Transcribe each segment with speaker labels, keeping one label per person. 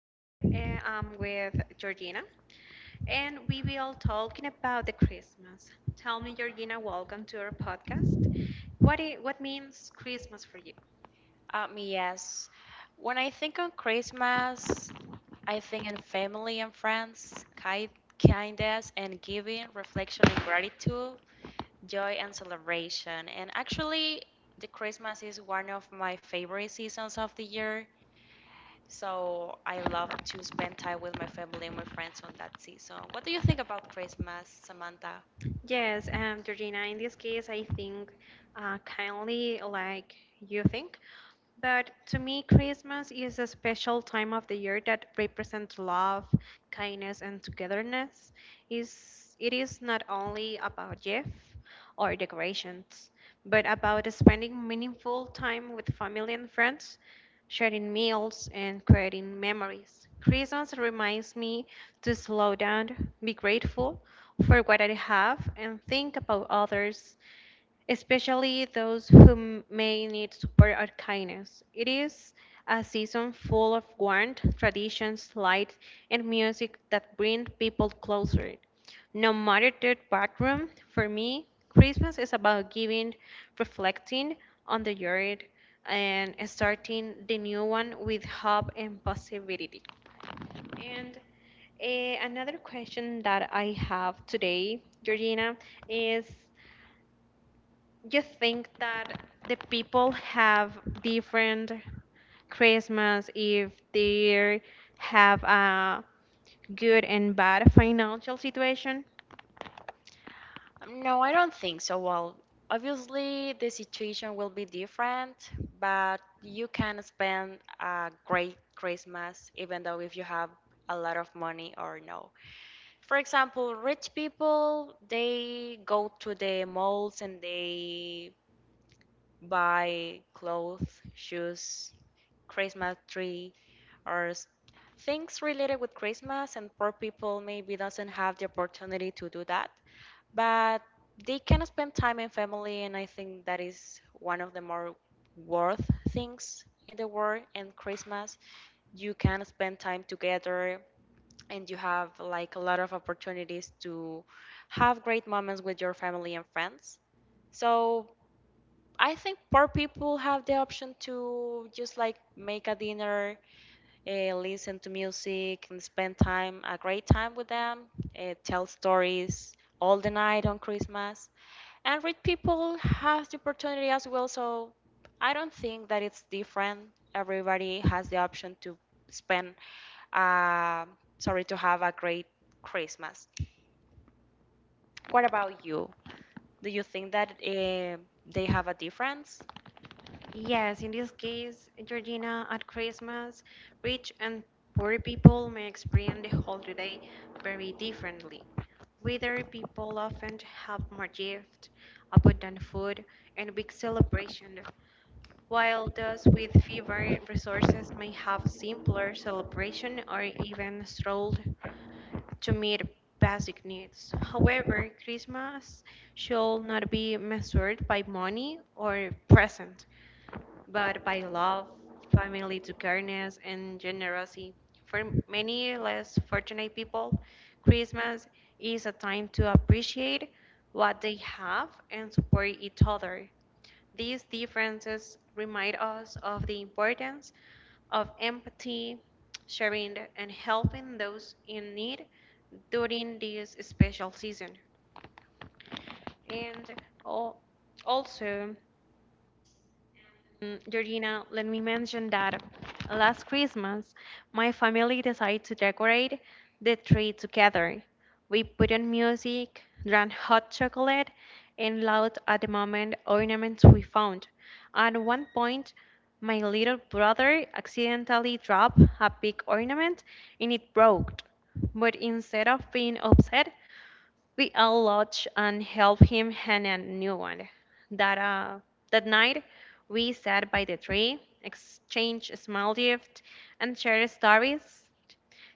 Speaker 1: Today, I'm with Georgina, and we will talking about the Christmas. Tell me, Georgina, welcome to our podcast. What means Christmas for you?
Speaker 2: Yes. When I think on Christmas, I think in family and friends, kindness and giving, reflection and gratitude, joy and celebration. And actually, the Christmas is one of my favorite seasons of the year. So I love to spend time with my family and my friends on that season. What do you think about Christmas, Samantha?
Speaker 1: Yes, Georgina. In this case, I think kindly like you think. But to me, Christmas is a special time of the year that represents love, kindness, and togetherness. Is it is not only about gifts or decorations, but about spending meaningful time with family and friends, sharing meals, and creating memories. Christmas reminds me to slow down, be grateful for what I have, and think about others, especially those who may need support or kindness. It is a season full of warmth, traditions, light, and music that bring people closer. No matter their background, for me, Christmas is about giving, reflecting on the year, and starting the new one with hope and possibility. And another question that I have today, Georgina, is you think that the people have different Christmas if they have a good and bad financial situation?
Speaker 2: No, I don't think so. Well, obviously the situation will be different, but you can spend a great Christmas even though if you have a lot of money or no. For example, rich people, they go to the malls and they buy clothes, shoes, Christmas tree, or things related with Christmas, and poor people maybe doesn't have the opportunity to do that, but they can spend time in family, and I think that is one of the more worth things in the world. And Christmas, you can spend time together, and you have like a lot of opportunities to have great moments with your family and friends. So I think poor people have the option to just like make a dinner, listen to music and spend time a great time with them, tell stories all the night on Christmas. And rich people have the opportunity as well, so I don't think that it's different. Everybody has the option to spend uh, sorry to have a great Christmas. What about you? Do you think that they have a difference?
Speaker 1: Yes, in this case, Georgina, at Christmas, rich and poor people may experience the holiday very differently. Wealthy people often have more gifts, abundant food, and big celebration, while those with fewer resources may have simpler celebration or even strolled to meet basic needs. However, Christmas should not be measured by money or present, but by love, family togetherness, and generosity. For many less fortunate people, Christmas is a time to appreciate what they have and support each other. These differences remind us of the importance of empathy, sharing, and helping those in need during this special season. And al- also, Georgina, let me mention that last Christmas, my family decided to decorate the tree together. We put on music, drank hot chocolate, and looked at the moment ornaments we found. At one point, my little brother accidentally dropped a big ornament and it broke. But instead of being upset, we all lodge and help him hang a new one. That, uh, that night, we sat by the tree, exchanged small gifts, and shared stories.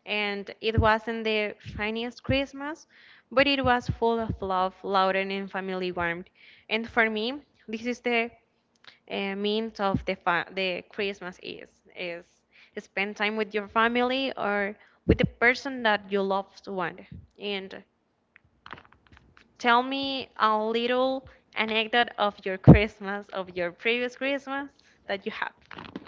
Speaker 1: And it wasn't the finest Christmas, but it was full of love, laughter, and family warmth. And for me, this is the means of the the Christmas is is spend time with your family or with the person that you loved one. And tell me a little anecdote of your Christmas, of your previous Christmas that you have,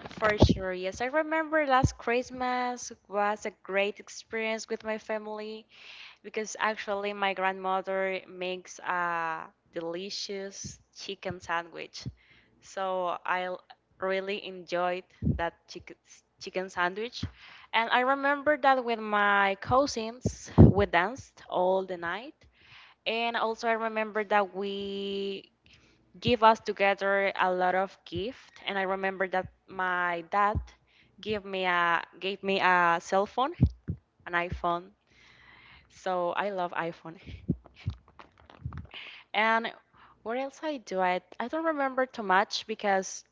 Speaker 2: For sure, yes. I remember last Christmas was a great experience with my family because actually my grandmother makes a delicious chicken sandwich. So I really enjoyed that chicken sandwich. And I remember that with my cousins, we danced all the night. And also I remember that we give us together a lot of gift. And I remember that my dad gave me a cell phone, an iPhone, so I love iPhone. And what else I do I don't remember too much because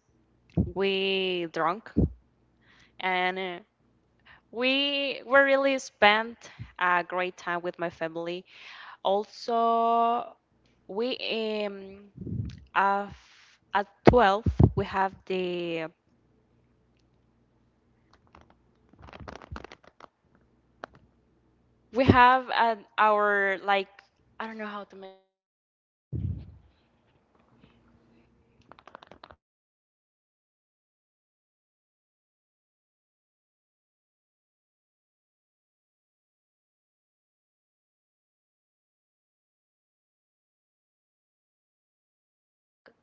Speaker 2: we drunk and we really spent a great time with my family. Also we um at 12 we have the We have an our like I don't know how to mention.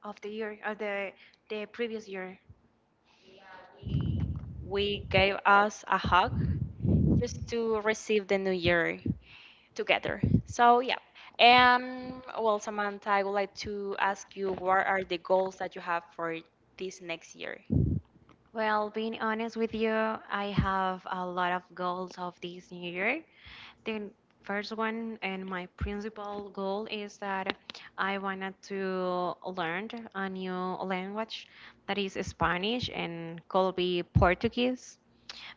Speaker 1: of the year of the previous year?
Speaker 2: We gave us a hug just to receive the new year together. So yeah. Well, Samantha, I would like to ask you, what are the goals that you have for this next year?
Speaker 1: Well, being honest with you, I have a lot of goals of this new year. The first one and my principal goal is that I wanted to learn a new language that is Spanish, and could be Portuguese,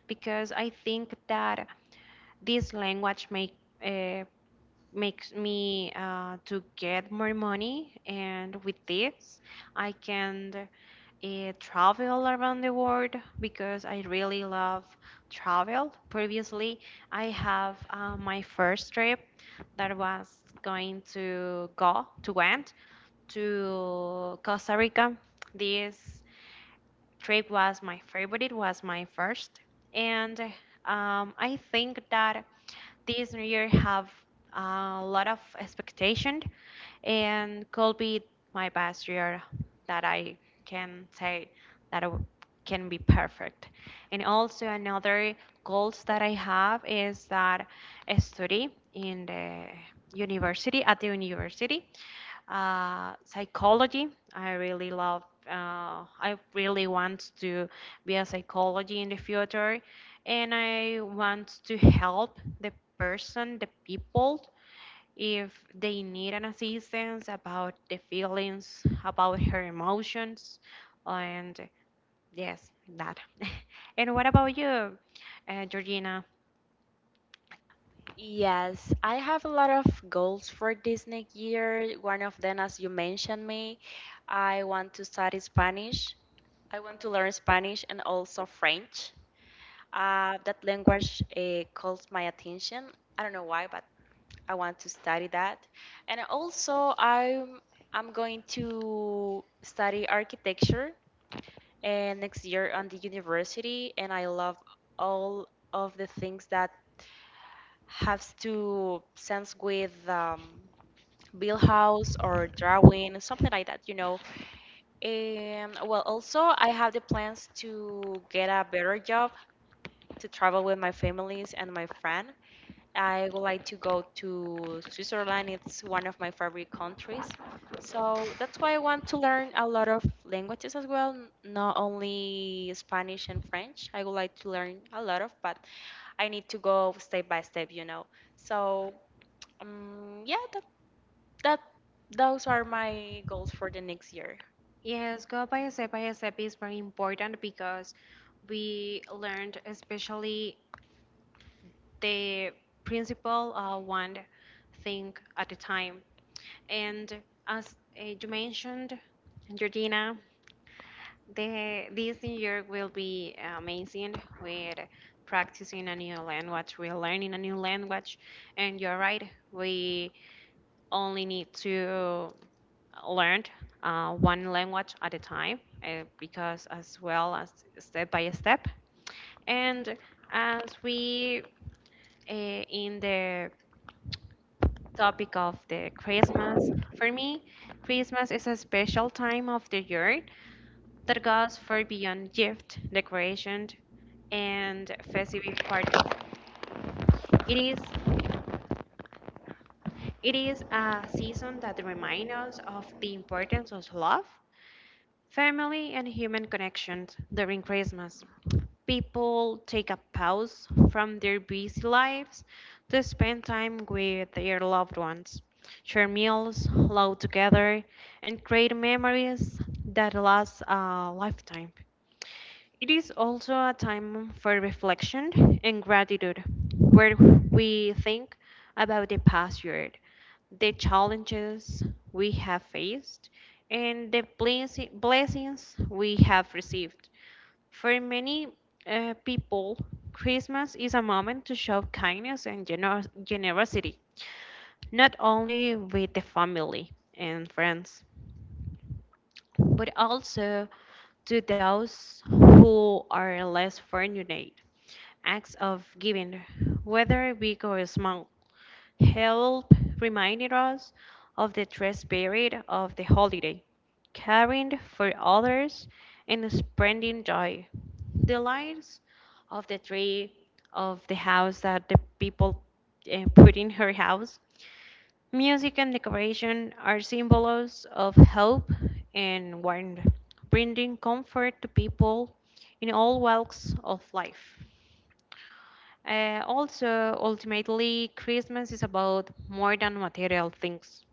Speaker 1: because I think that this language make uh, makes me to get more money, and with this I can travel around the world, because I really love travel. Previously I have my first trip that was going to go to went to Costa Rica. This trip was my favorite. It was my first, and I think that this new year have a lot of expectation, and could be my best year, that I can say that I can be perfect. And also another goals that I have is that I study in the university, at the university, psychology. I really love. I really want to be a psychology in the future, and I want to help the person, the people, if they need an assistance about the feelings, about her emotions, and yes, that. And what about you, Georgina?
Speaker 2: Yes, I have a lot of goals for this next year. One of them, as you mentioned me, I want to study Spanish. I want to learn Spanish and also French. That language calls my attention. I don't know why, but I want to study that. And also, I'm going to study architecture and next year on the university. And I love all of the things that has to sense with build house or drawing, something like that, you know. And well, also I have the plans to get a better job, to travel with my families and my friend. I would like to go to Switzerland. It's one of my favorite countries. So that's why I want to learn a lot of languages as well, not only Spanish and French. I would like to learn a lot of, but I need to go step by step, you know. So, yeah, that those are my goals for the next year.
Speaker 1: Yes, go by step is very important because we learned, especially the principal one thing at the time. And as you mentioned, Georgina, this year will be amazing with practicing a new language. We're learning a new language, and you're right, we only need to learn one language at a time because as well as step by step. And as we in the topic of the Christmas. For me, Christmas is a special time of the year that goes far beyond gift, decoration, and festive parties. It is it is a season that reminds us of the importance of love, family, and human connections during Christmas. People take a pause from their busy lives to spend time with their loved ones, share meals, laugh together, and create memories that last a lifetime. It is also a time for reflection and gratitude, where we think about the past year, the challenges we have faced, and the blessings we have received. For many people, Christmas is a moment to show kindness and generosity, not only with the family and friends, but also to those who are less fortunate. Acts of giving, whether big or small, help reminded us of the true spirit of the holiday, caring for others and spreading joy. The lights of the tree, of the house that the people put in her house, music and decoration are symbols of hope and warmth, bringing comfort to people in all walks of life. Also, ultimately, Christmas is about more than material things.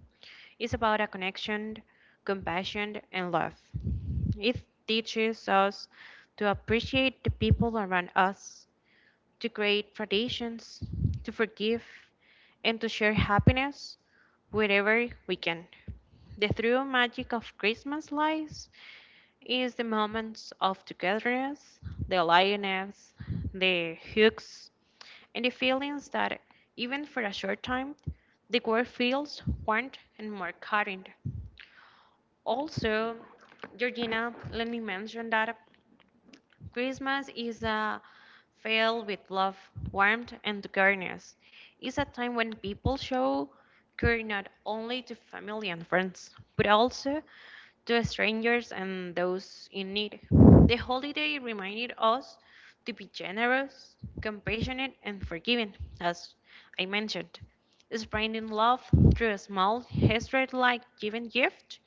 Speaker 1: It's about a connection, compassion, and love. It teaches us to appreciate the people around us, to create traditions, to forgive, and to share happiness wherever we can. The true magic of Christmas lies is the moments of togetherness, the aliveness, the hugs, and the feelings that, even for a short time, the world feels warm and more kind. Also, Georgina, let me mention that Christmas is a filled with love, warmth, and kindness. It's a time when people show care not only to family and friends, but also to strangers and those in need. The holiday reminded us to be generous, compassionate, and forgiving, as I mentioned, spreading love through small gestures like giving gifts,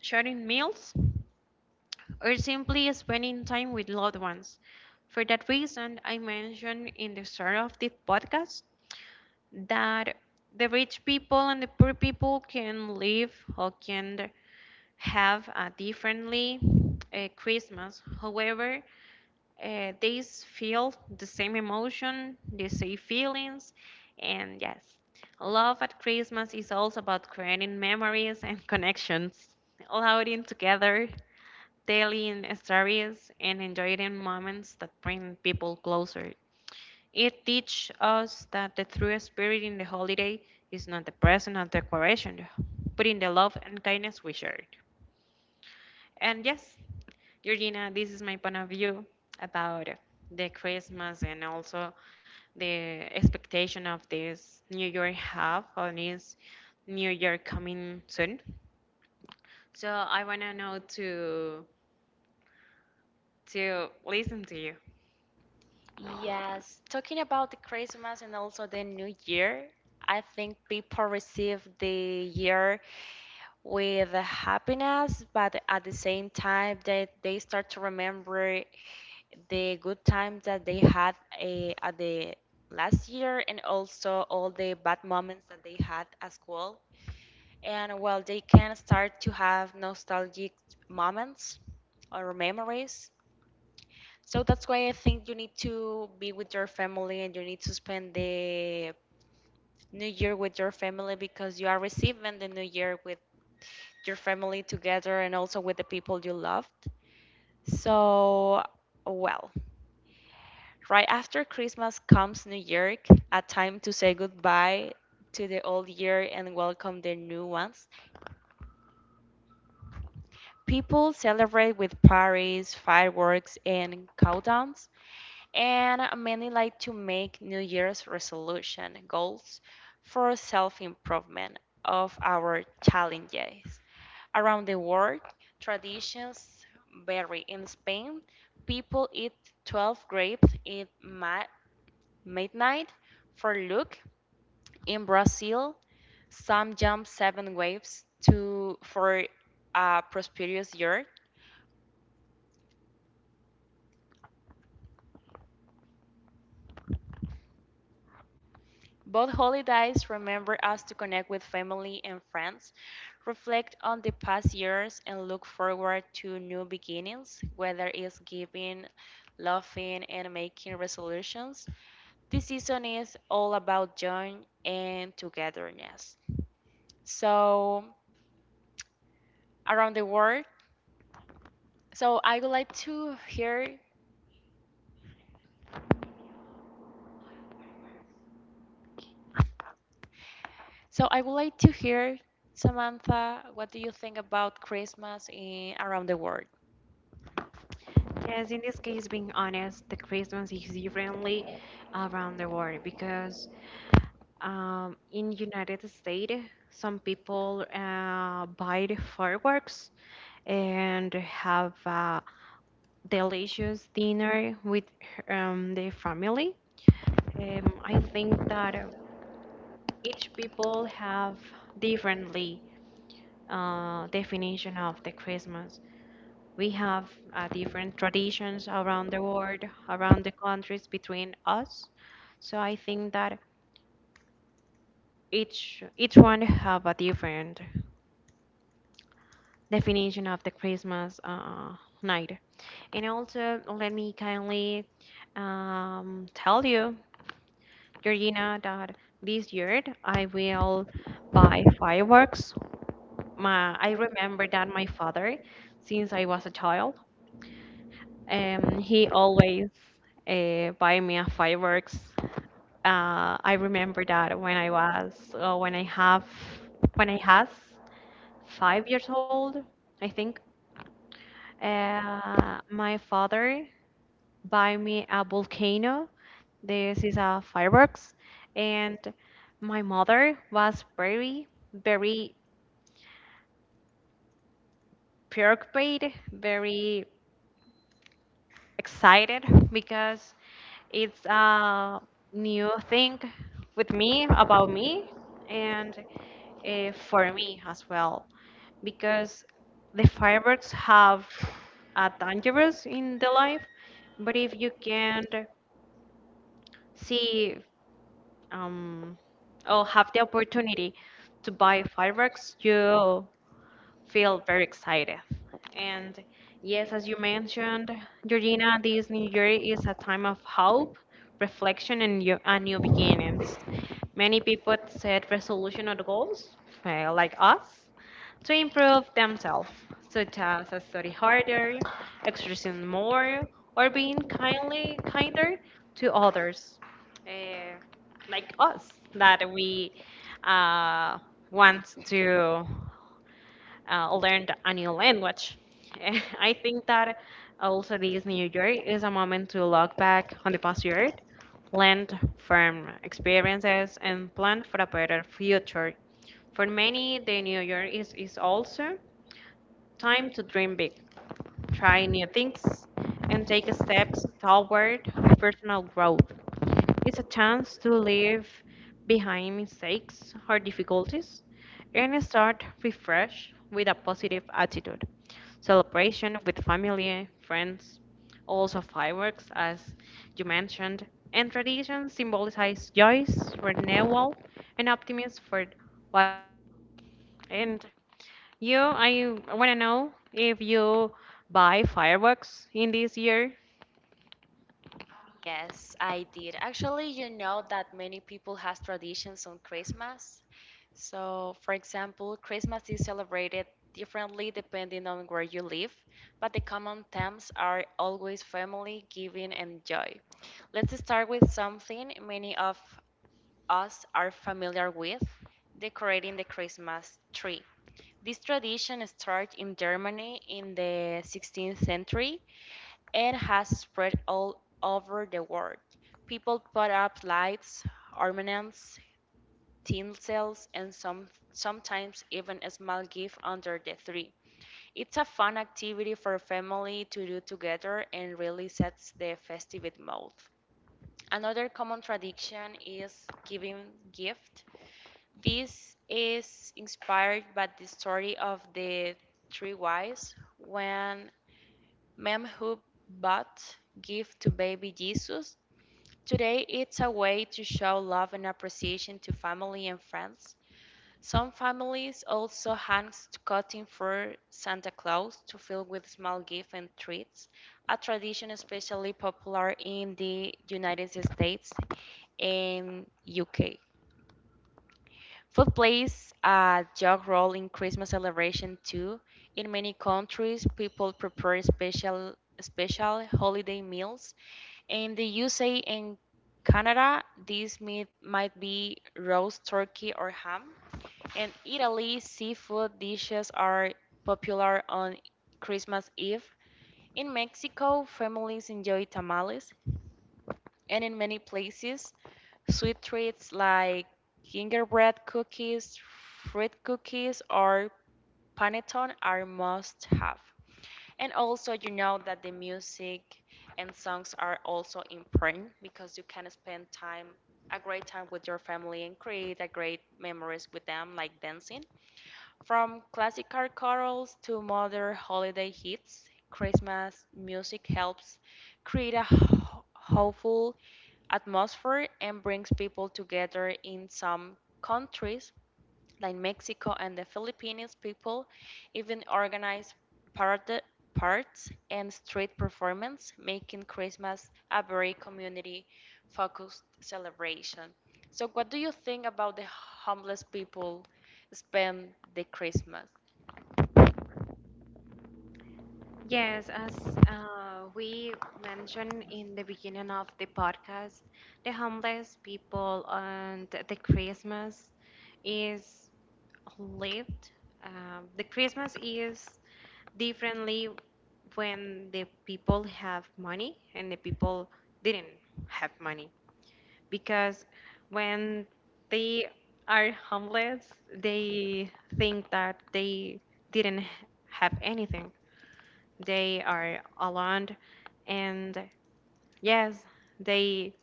Speaker 1: sharing meals, or simply spending time with loved ones. For that reason, I mentioned in the start of this podcast that the rich people and the poor people can live or can have a differently Christmas. However, they feel the same emotion, the same feelings, and yes, love at Christmas is also about creating memories and connections, allowing together telling stories, and enjoying moments that bring people closer. It teaches us that the true spirit in the holiday is not the present or decoration, but in the love and kindness we shared. And yes, Georgina, this is my point of view about the Christmas, and also the expectation of this New Year have, or this New Year coming soon. So I wanna know to listen to you.
Speaker 2: Yes, talking about the Christmas and also the New Year, I think people receive the year with happiness, but at the same time that they start to remember the good times that they had at the last year and also all the bad moments that they had as well. And well, they can start to have nostalgic moments or memories. So that's why I think you need to be with your family and you need to spend the new year with your family, because you are receiving the new year with your family together and also with the people you loved. So, well, right after Christmas comes New Year, a time to say goodbye to the old year and welcome the new ones. People celebrate with parties, fireworks, and countdowns, and many like to make New Year's resolution goals for self-improvement of our challenges. Around the world, traditions vary. In Spain, people eat 12 grapes at midnight for luck. In Brazil, some jump seven waves to for a prosperous year. Both holidays remember us to connect with family and friends, reflect on the past years, and look forward to new beginnings, whether it's giving, laughing, and making resolutions. This season is all about joy and togetherness. So, around the world, so I would like to hear, so I would like to hear, Samantha, what do you think about Christmas in around the world?
Speaker 1: Yes, in this case, being honest, the Christmas is differently around the world because in United States, some people buy the fireworks and have a delicious dinner with their family. I think that each people have differently definition of the Christmas. We have different traditions around the world, around the countries between us. So I think that each one have a different definition of the Christmas night. And also, let me kindly tell you, Georgina, that this year I will buy fireworks. My, I remember that my father, since I was a child, he always buy me a fireworks. I remember that when I was, when I have, when I has 5 years old, I think. My father buy me a volcano. This is a fireworks, and my mother was very, very preoccupied, very excited, because it's a new thing with me, about me, and for me as well, because the fireworks have a dangerous in the life. But if you can see um, or have the opportunity to buy fireworks, you feel very excited. And yes, as you mentioned, Georgina, this new year is a time of hope, reflection, and new beginnings.
Speaker 2: Many
Speaker 1: Many people
Speaker 2: people
Speaker 1: set
Speaker 2: tend to look
Speaker 1: resolution or
Speaker 2: at goals
Speaker 1: goals,
Speaker 2: and
Speaker 1: like
Speaker 2: like us.
Speaker 1: us, to
Speaker 2: We grow
Speaker 1: improve themselves,
Speaker 2: faster
Speaker 1: such as
Speaker 2: sometimes, and
Speaker 1: study
Speaker 2: they're
Speaker 1: harder,
Speaker 2: harder. We
Speaker 1: exercising
Speaker 2: need more, or
Speaker 1: more, or
Speaker 2: we're
Speaker 1: being kindly kinder
Speaker 2: kinder to
Speaker 1: to
Speaker 2: others,
Speaker 1: others,
Speaker 2: and
Speaker 1: uh,
Speaker 2: like
Speaker 1: like
Speaker 2: us,
Speaker 1: us, that
Speaker 2: that we
Speaker 1: we
Speaker 2: want
Speaker 1: uh, want to
Speaker 2: to learn to
Speaker 1: learned a new
Speaker 2: handle English.
Speaker 1: language.
Speaker 2: In
Speaker 1: I
Speaker 2: places
Speaker 1: think that
Speaker 2: that also
Speaker 1: also this new
Speaker 2: experience
Speaker 1: year
Speaker 2: great
Speaker 1: is a
Speaker 2: amounts
Speaker 1: moment to
Speaker 2: of water,
Speaker 1: look back
Speaker 2: such as
Speaker 1: on the past year,
Speaker 2: rivers,
Speaker 1: learn
Speaker 2: lakes,
Speaker 1: from
Speaker 2: or
Speaker 1: experiences, and plan for a better
Speaker 2: reservoirs,
Speaker 1: future.
Speaker 2: or
Speaker 1: For many,
Speaker 2: mainly
Speaker 1: the
Speaker 2: during the
Speaker 1: new year
Speaker 2: winter,
Speaker 1: is
Speaker 2: also
Speaker 1: also time
Speaker 2: time
Speaker 1: to dream big,
Speaker 2: periods of
Speaker 1: try new
Speaker 2: heavy rain
Speaker 1: things, and
Speaker 2: and
Speaker 1: take steps
Speaker 2: intense
Speaker 1: toward
Speaker 2: hailstorms
Speaker 1: personal
Speaker 2: can
Speaker 1: growth. It's a
Speaker 2: cause
Speaker 1: chance to
Speaker 2: damage.
Speaker 1: leave behind mistakes or difficulties and start refresh with a positive attitude. Celebration with family, friends, also fireworks, as you mentioned, and tradition symbolizes joy, renewal, and optimism for what. And you, I want to know if you buy fireworks in this year.
Speaker 2: Yes, I did. Actually, you know that many people has traditions on Christmas. So, for example, Christmas is celebrated differently depending on where you live, but the common themes are always family, giving, and joy. Let's start with something many of us are familiar with, decorating the Christmas tree. This tradition started in Germany in the 16th century, it has spread all over the world. People put up lights, ornaments, tinsels, and sometimes even a small gift under the tree. It's a fun activity for a family to do together and really sets the festive mood. Another common tradition is giving gift. This is inspired by the story of the three wise when Mem who bought gift to baby Jesus. Today it's a way to show love and appreciation to family and friends. Some families also hang cotton for Santa Claus to fill with small gifts and treats, a tradition especially popular in the United States and UK. Food plays a huge role in Christmas celebration too. In many countries, people prepare special holiday meals. In the USA and Canada, this meat might be roast turkey or ham. In Italy, seafood dishes are popular on Christmas Eve. In Mexico, families enjoy tamales, and in many places, sweet treats like gingerbread cookies, fruit cookies, or panettone are must have. And also, you know that the music and songs are also important because you can spend time, a great time with your family and create a great memories with them, like dancing. From classical carols to modern holiday hits, Christmas music helps create a hopeful atmosphere and brings people together. In some countries like Mexico and the Philippines, people even organize parade, parts and street performance, making Christmas a very community focused celebration. So what do you think about the homeless people spend the Christmas?
Speaker 1: Yes, as we mentioned in the beginning of the podcast, the homeless people and the Christmas is lived. The Christmas is differently when the people have money and the people didn't have money because when they are homeless, they think that they didn't have anything, they are alone, and yes, they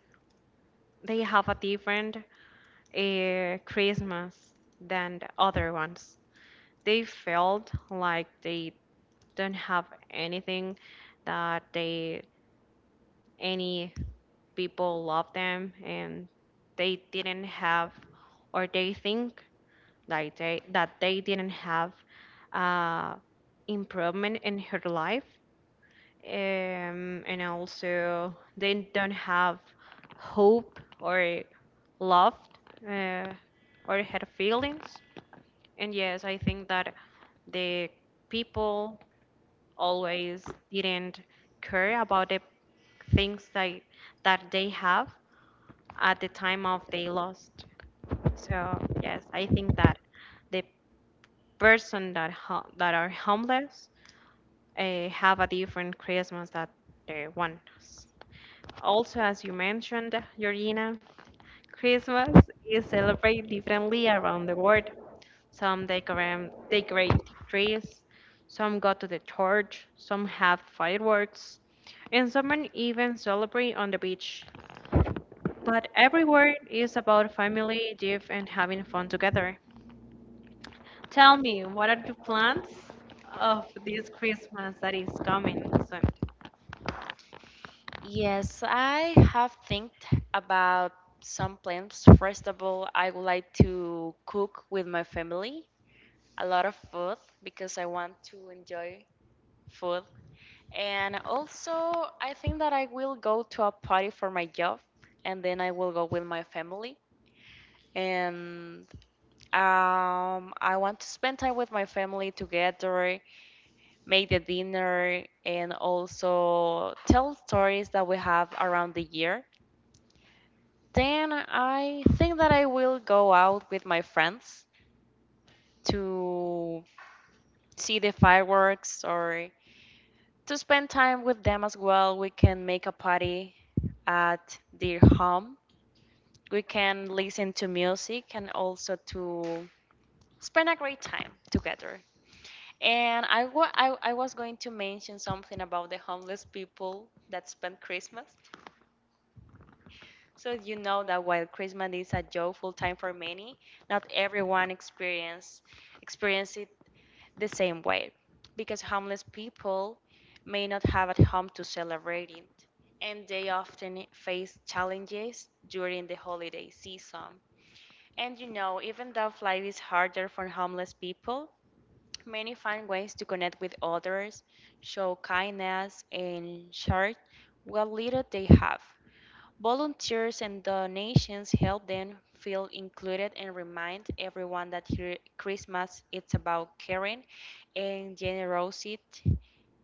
Speaker 1: they have a different Christmas than the other ones. They felt like they don't have anything, that they any people love them, and they didn't have or they think like they didn't have uh, improvement in her life, and also they don't have hope or love uh, or had feelings. And yes, I think that the people always didn't care about the things that they have at the time of they lost. So yes, I think that the person that that are homeless have a different Christmas that the ones. Also, as you mentioned, Georgina, Christmas is celebrated differently around the world. Some decorate trees, some go to the church, some have fireworks, and some even celebrate on the beach. But everywhere is about family, gift, and having fun together. Tell me, what are your plans of this Christmas that is coming soon?
Speaker 2: Yes, I have think about some plans. First of all, I would like to cook with my family a lot of food because I want to enjoy food. And also, I think that I will go to a party for my job and then I will go with my family. And I want to spend time with my family together, make the dinner, and also tell stories that we have around the year. Then I think that I will go out with my friends to see the fireworks or to spend time with them as well. We can make a party at their home. We can listen to music and also to spend a great time together. And I was going to mention something about the homeless people that spend Christmas. So you know that while Christmas is a joyful time for many, not everyone experience it the same way, because homeless people may not have at home to celebrate it, and they often face challenges during the holiday season. And you know, even though life is harder for homeless people, many find ways to connect with others, show kindness and share what little they have. Volunteers and donations help them feel included and remind everyone that Christmas is about caring and generosity,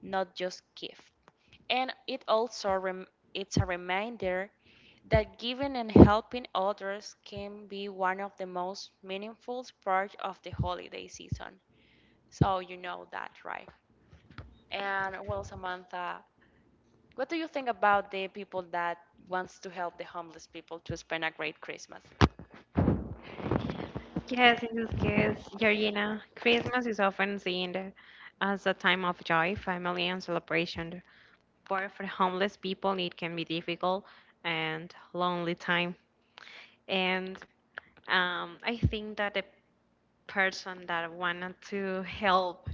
Speaker 2: not just gift. And it also it's a reminder that giving and helping others can be one of the most meaningful parts of the holiday season. So you know that, right? And well, Samantha, what do you think about the people that wants to help the homeless people to spend a great Christmas?
Speaker 1: Yes, in this case, Georgina, Christmas is often seen as a time of joy, family, and celebration. But for homeless people, it can be difficult and lonely time. And I think that the person that wanted to help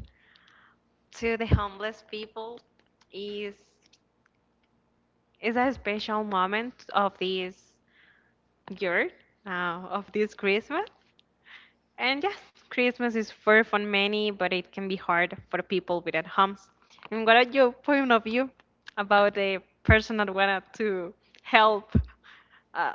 Speaker 1: to the homeless people is is a special moment of this year, of this Christmas. And yes, Christmas is fair for many, but it can be hard for people without homes. And what are your point of view about a person that wanted to help? Uh,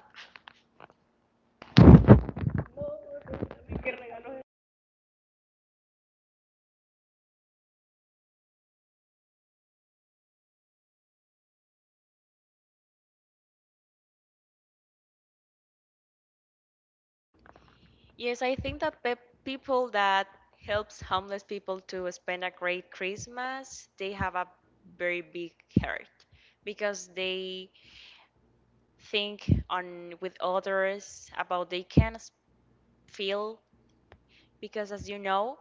Speaker 2: Yes, I think that pe people that helps homeless people to spend a great Christmas, they have a very big heart because they think on with others about they can feel, because as you know,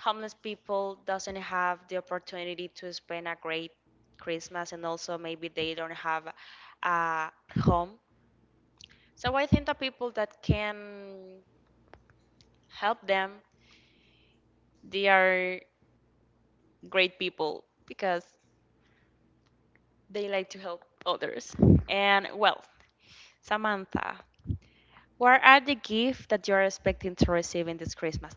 Speaker 2: homeless people doesn't have the opportunity to spend a great Christmas, and also maybe they don't have a home. So I think the people that can help them, they are great people because they like to help others. And well, Samantha, what are the gifts that you're expecting to receive in this Christmas?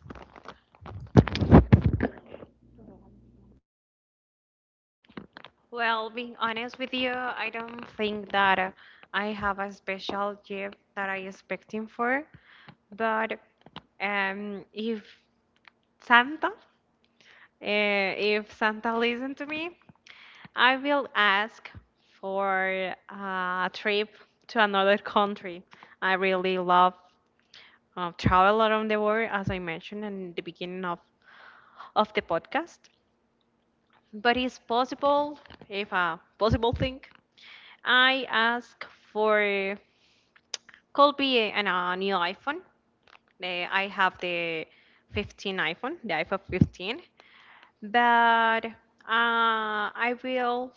Speaker 1: well, being honest with you, I don't think that I have a special gift that I expecting for, but if Santa, if Santa listen to me, I will ask for a trip to another country. I really love travel around the world, as I mentioned in the beginning of the podcast. But it's possible, if a possible thing, I ask for could be a new iPhone. I have the 15 iPhone, the iPhone 15, but uh, I will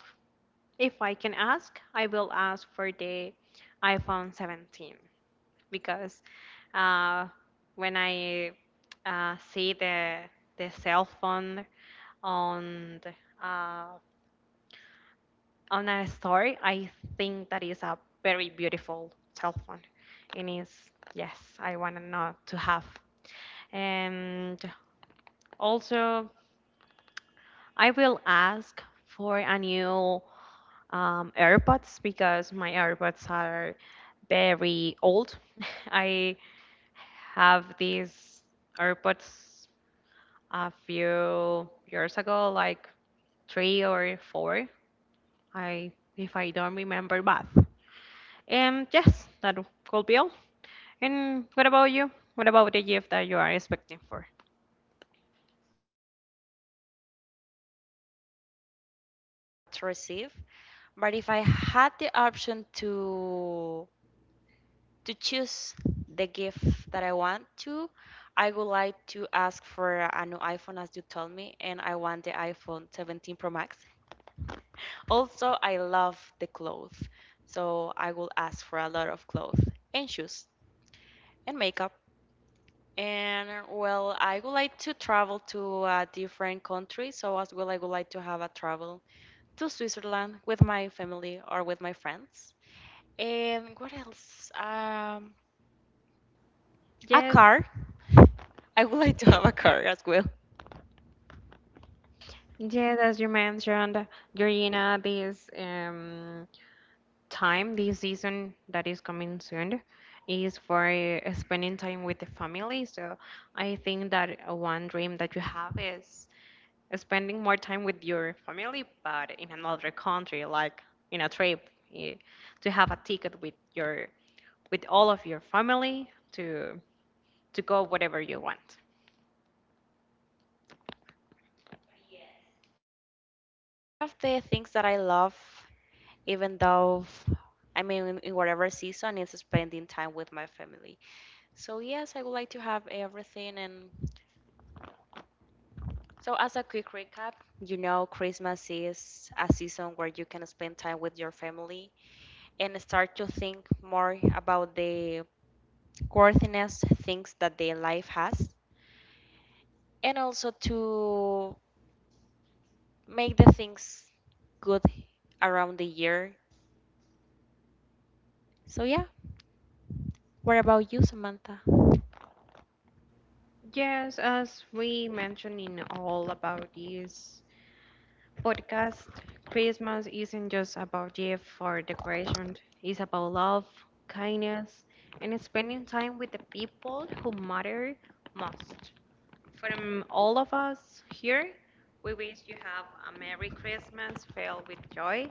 Speaker 1: If I can ask, I will ask for the iPhone 17 because uh, when I see the cell phone on the, uh, on a store, I think that is a very beautiful cell phone. It is yes, I want to know to have. And also, I will ask for a new AirPods because my AirPods are very old. I have these AirPods a few years ago, like three or four. I if I don't remember bad. Yes, that could be all. And what about you? What about the gift that you are expecting for?
Speaker 2: To receive, but if I had the option to choose the gift that I want to, I would like to ask for a new iPhone as you told me, and I want the iPhone 17 Pro Max. Also, I love the clothes, so I will ask for a lot of clothes and shoes and makeup. And well, I would like to travel to a different country, so as well, I would like to have a travel to Switzerland with my family or with my friends. And what else? A
Speaker 1: Yes,
Speaker 2: car. I would like to have a car as well.
Speaker 1: yes, as you mentioned, Garina, this time this season that is coming soon is for spending time with the family. So I think that one dream that you have is spending more time with your family, but in another country, like in a trip, eh, to have a ticket with your with all of your family to go whatever you want.
Speaker 2: One of the things that I love, even though I mean in whatever season, is spending time with my family. So, yes, I would like to have everything. And so, as a quick recap, you know, Christmas is a season where you can spend time with your family and start to think more about the worthiness things that their life has, and also to make the things good around the year. So, yeah, what about you, Samantha?
Speaker 1: Yes, as we mentioned in all about this podcast, Christmas isn't just about gifts or decorations. It's about love, kindness, and spending time with the people who matter most. From all of us here, we wish you have a Merry Christmas filled with joy,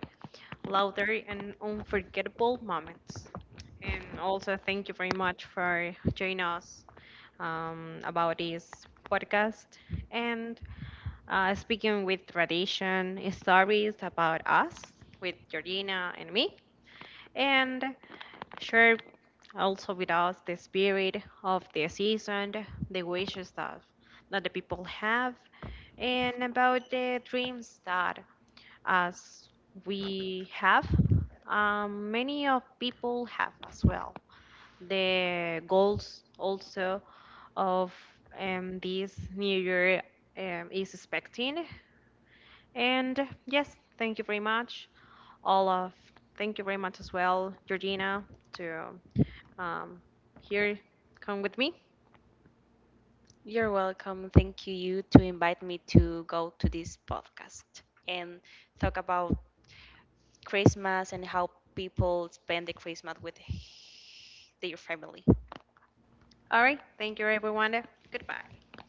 Speaker 1: laughter, and unforgettable moments. And also, thank you very much for joining us about this podcast. And speaking with tradition stories about us with Georgina and me, and share also with us the spirit of the season, the wishes that the people have, and about the dreams that as we have, many of people have as well. The goals also of this new year is expecting. And yes, thank you very much, Olaf. Thank you very much as well, Georgina, to um, here come with me.
Speaker 2: You're welcome. Thank you to invite me to go to this podcast and talk about Christmas and how people spend the Christmas with their family.
Speaker 1: All right. Thank you, everyone. Goodbye.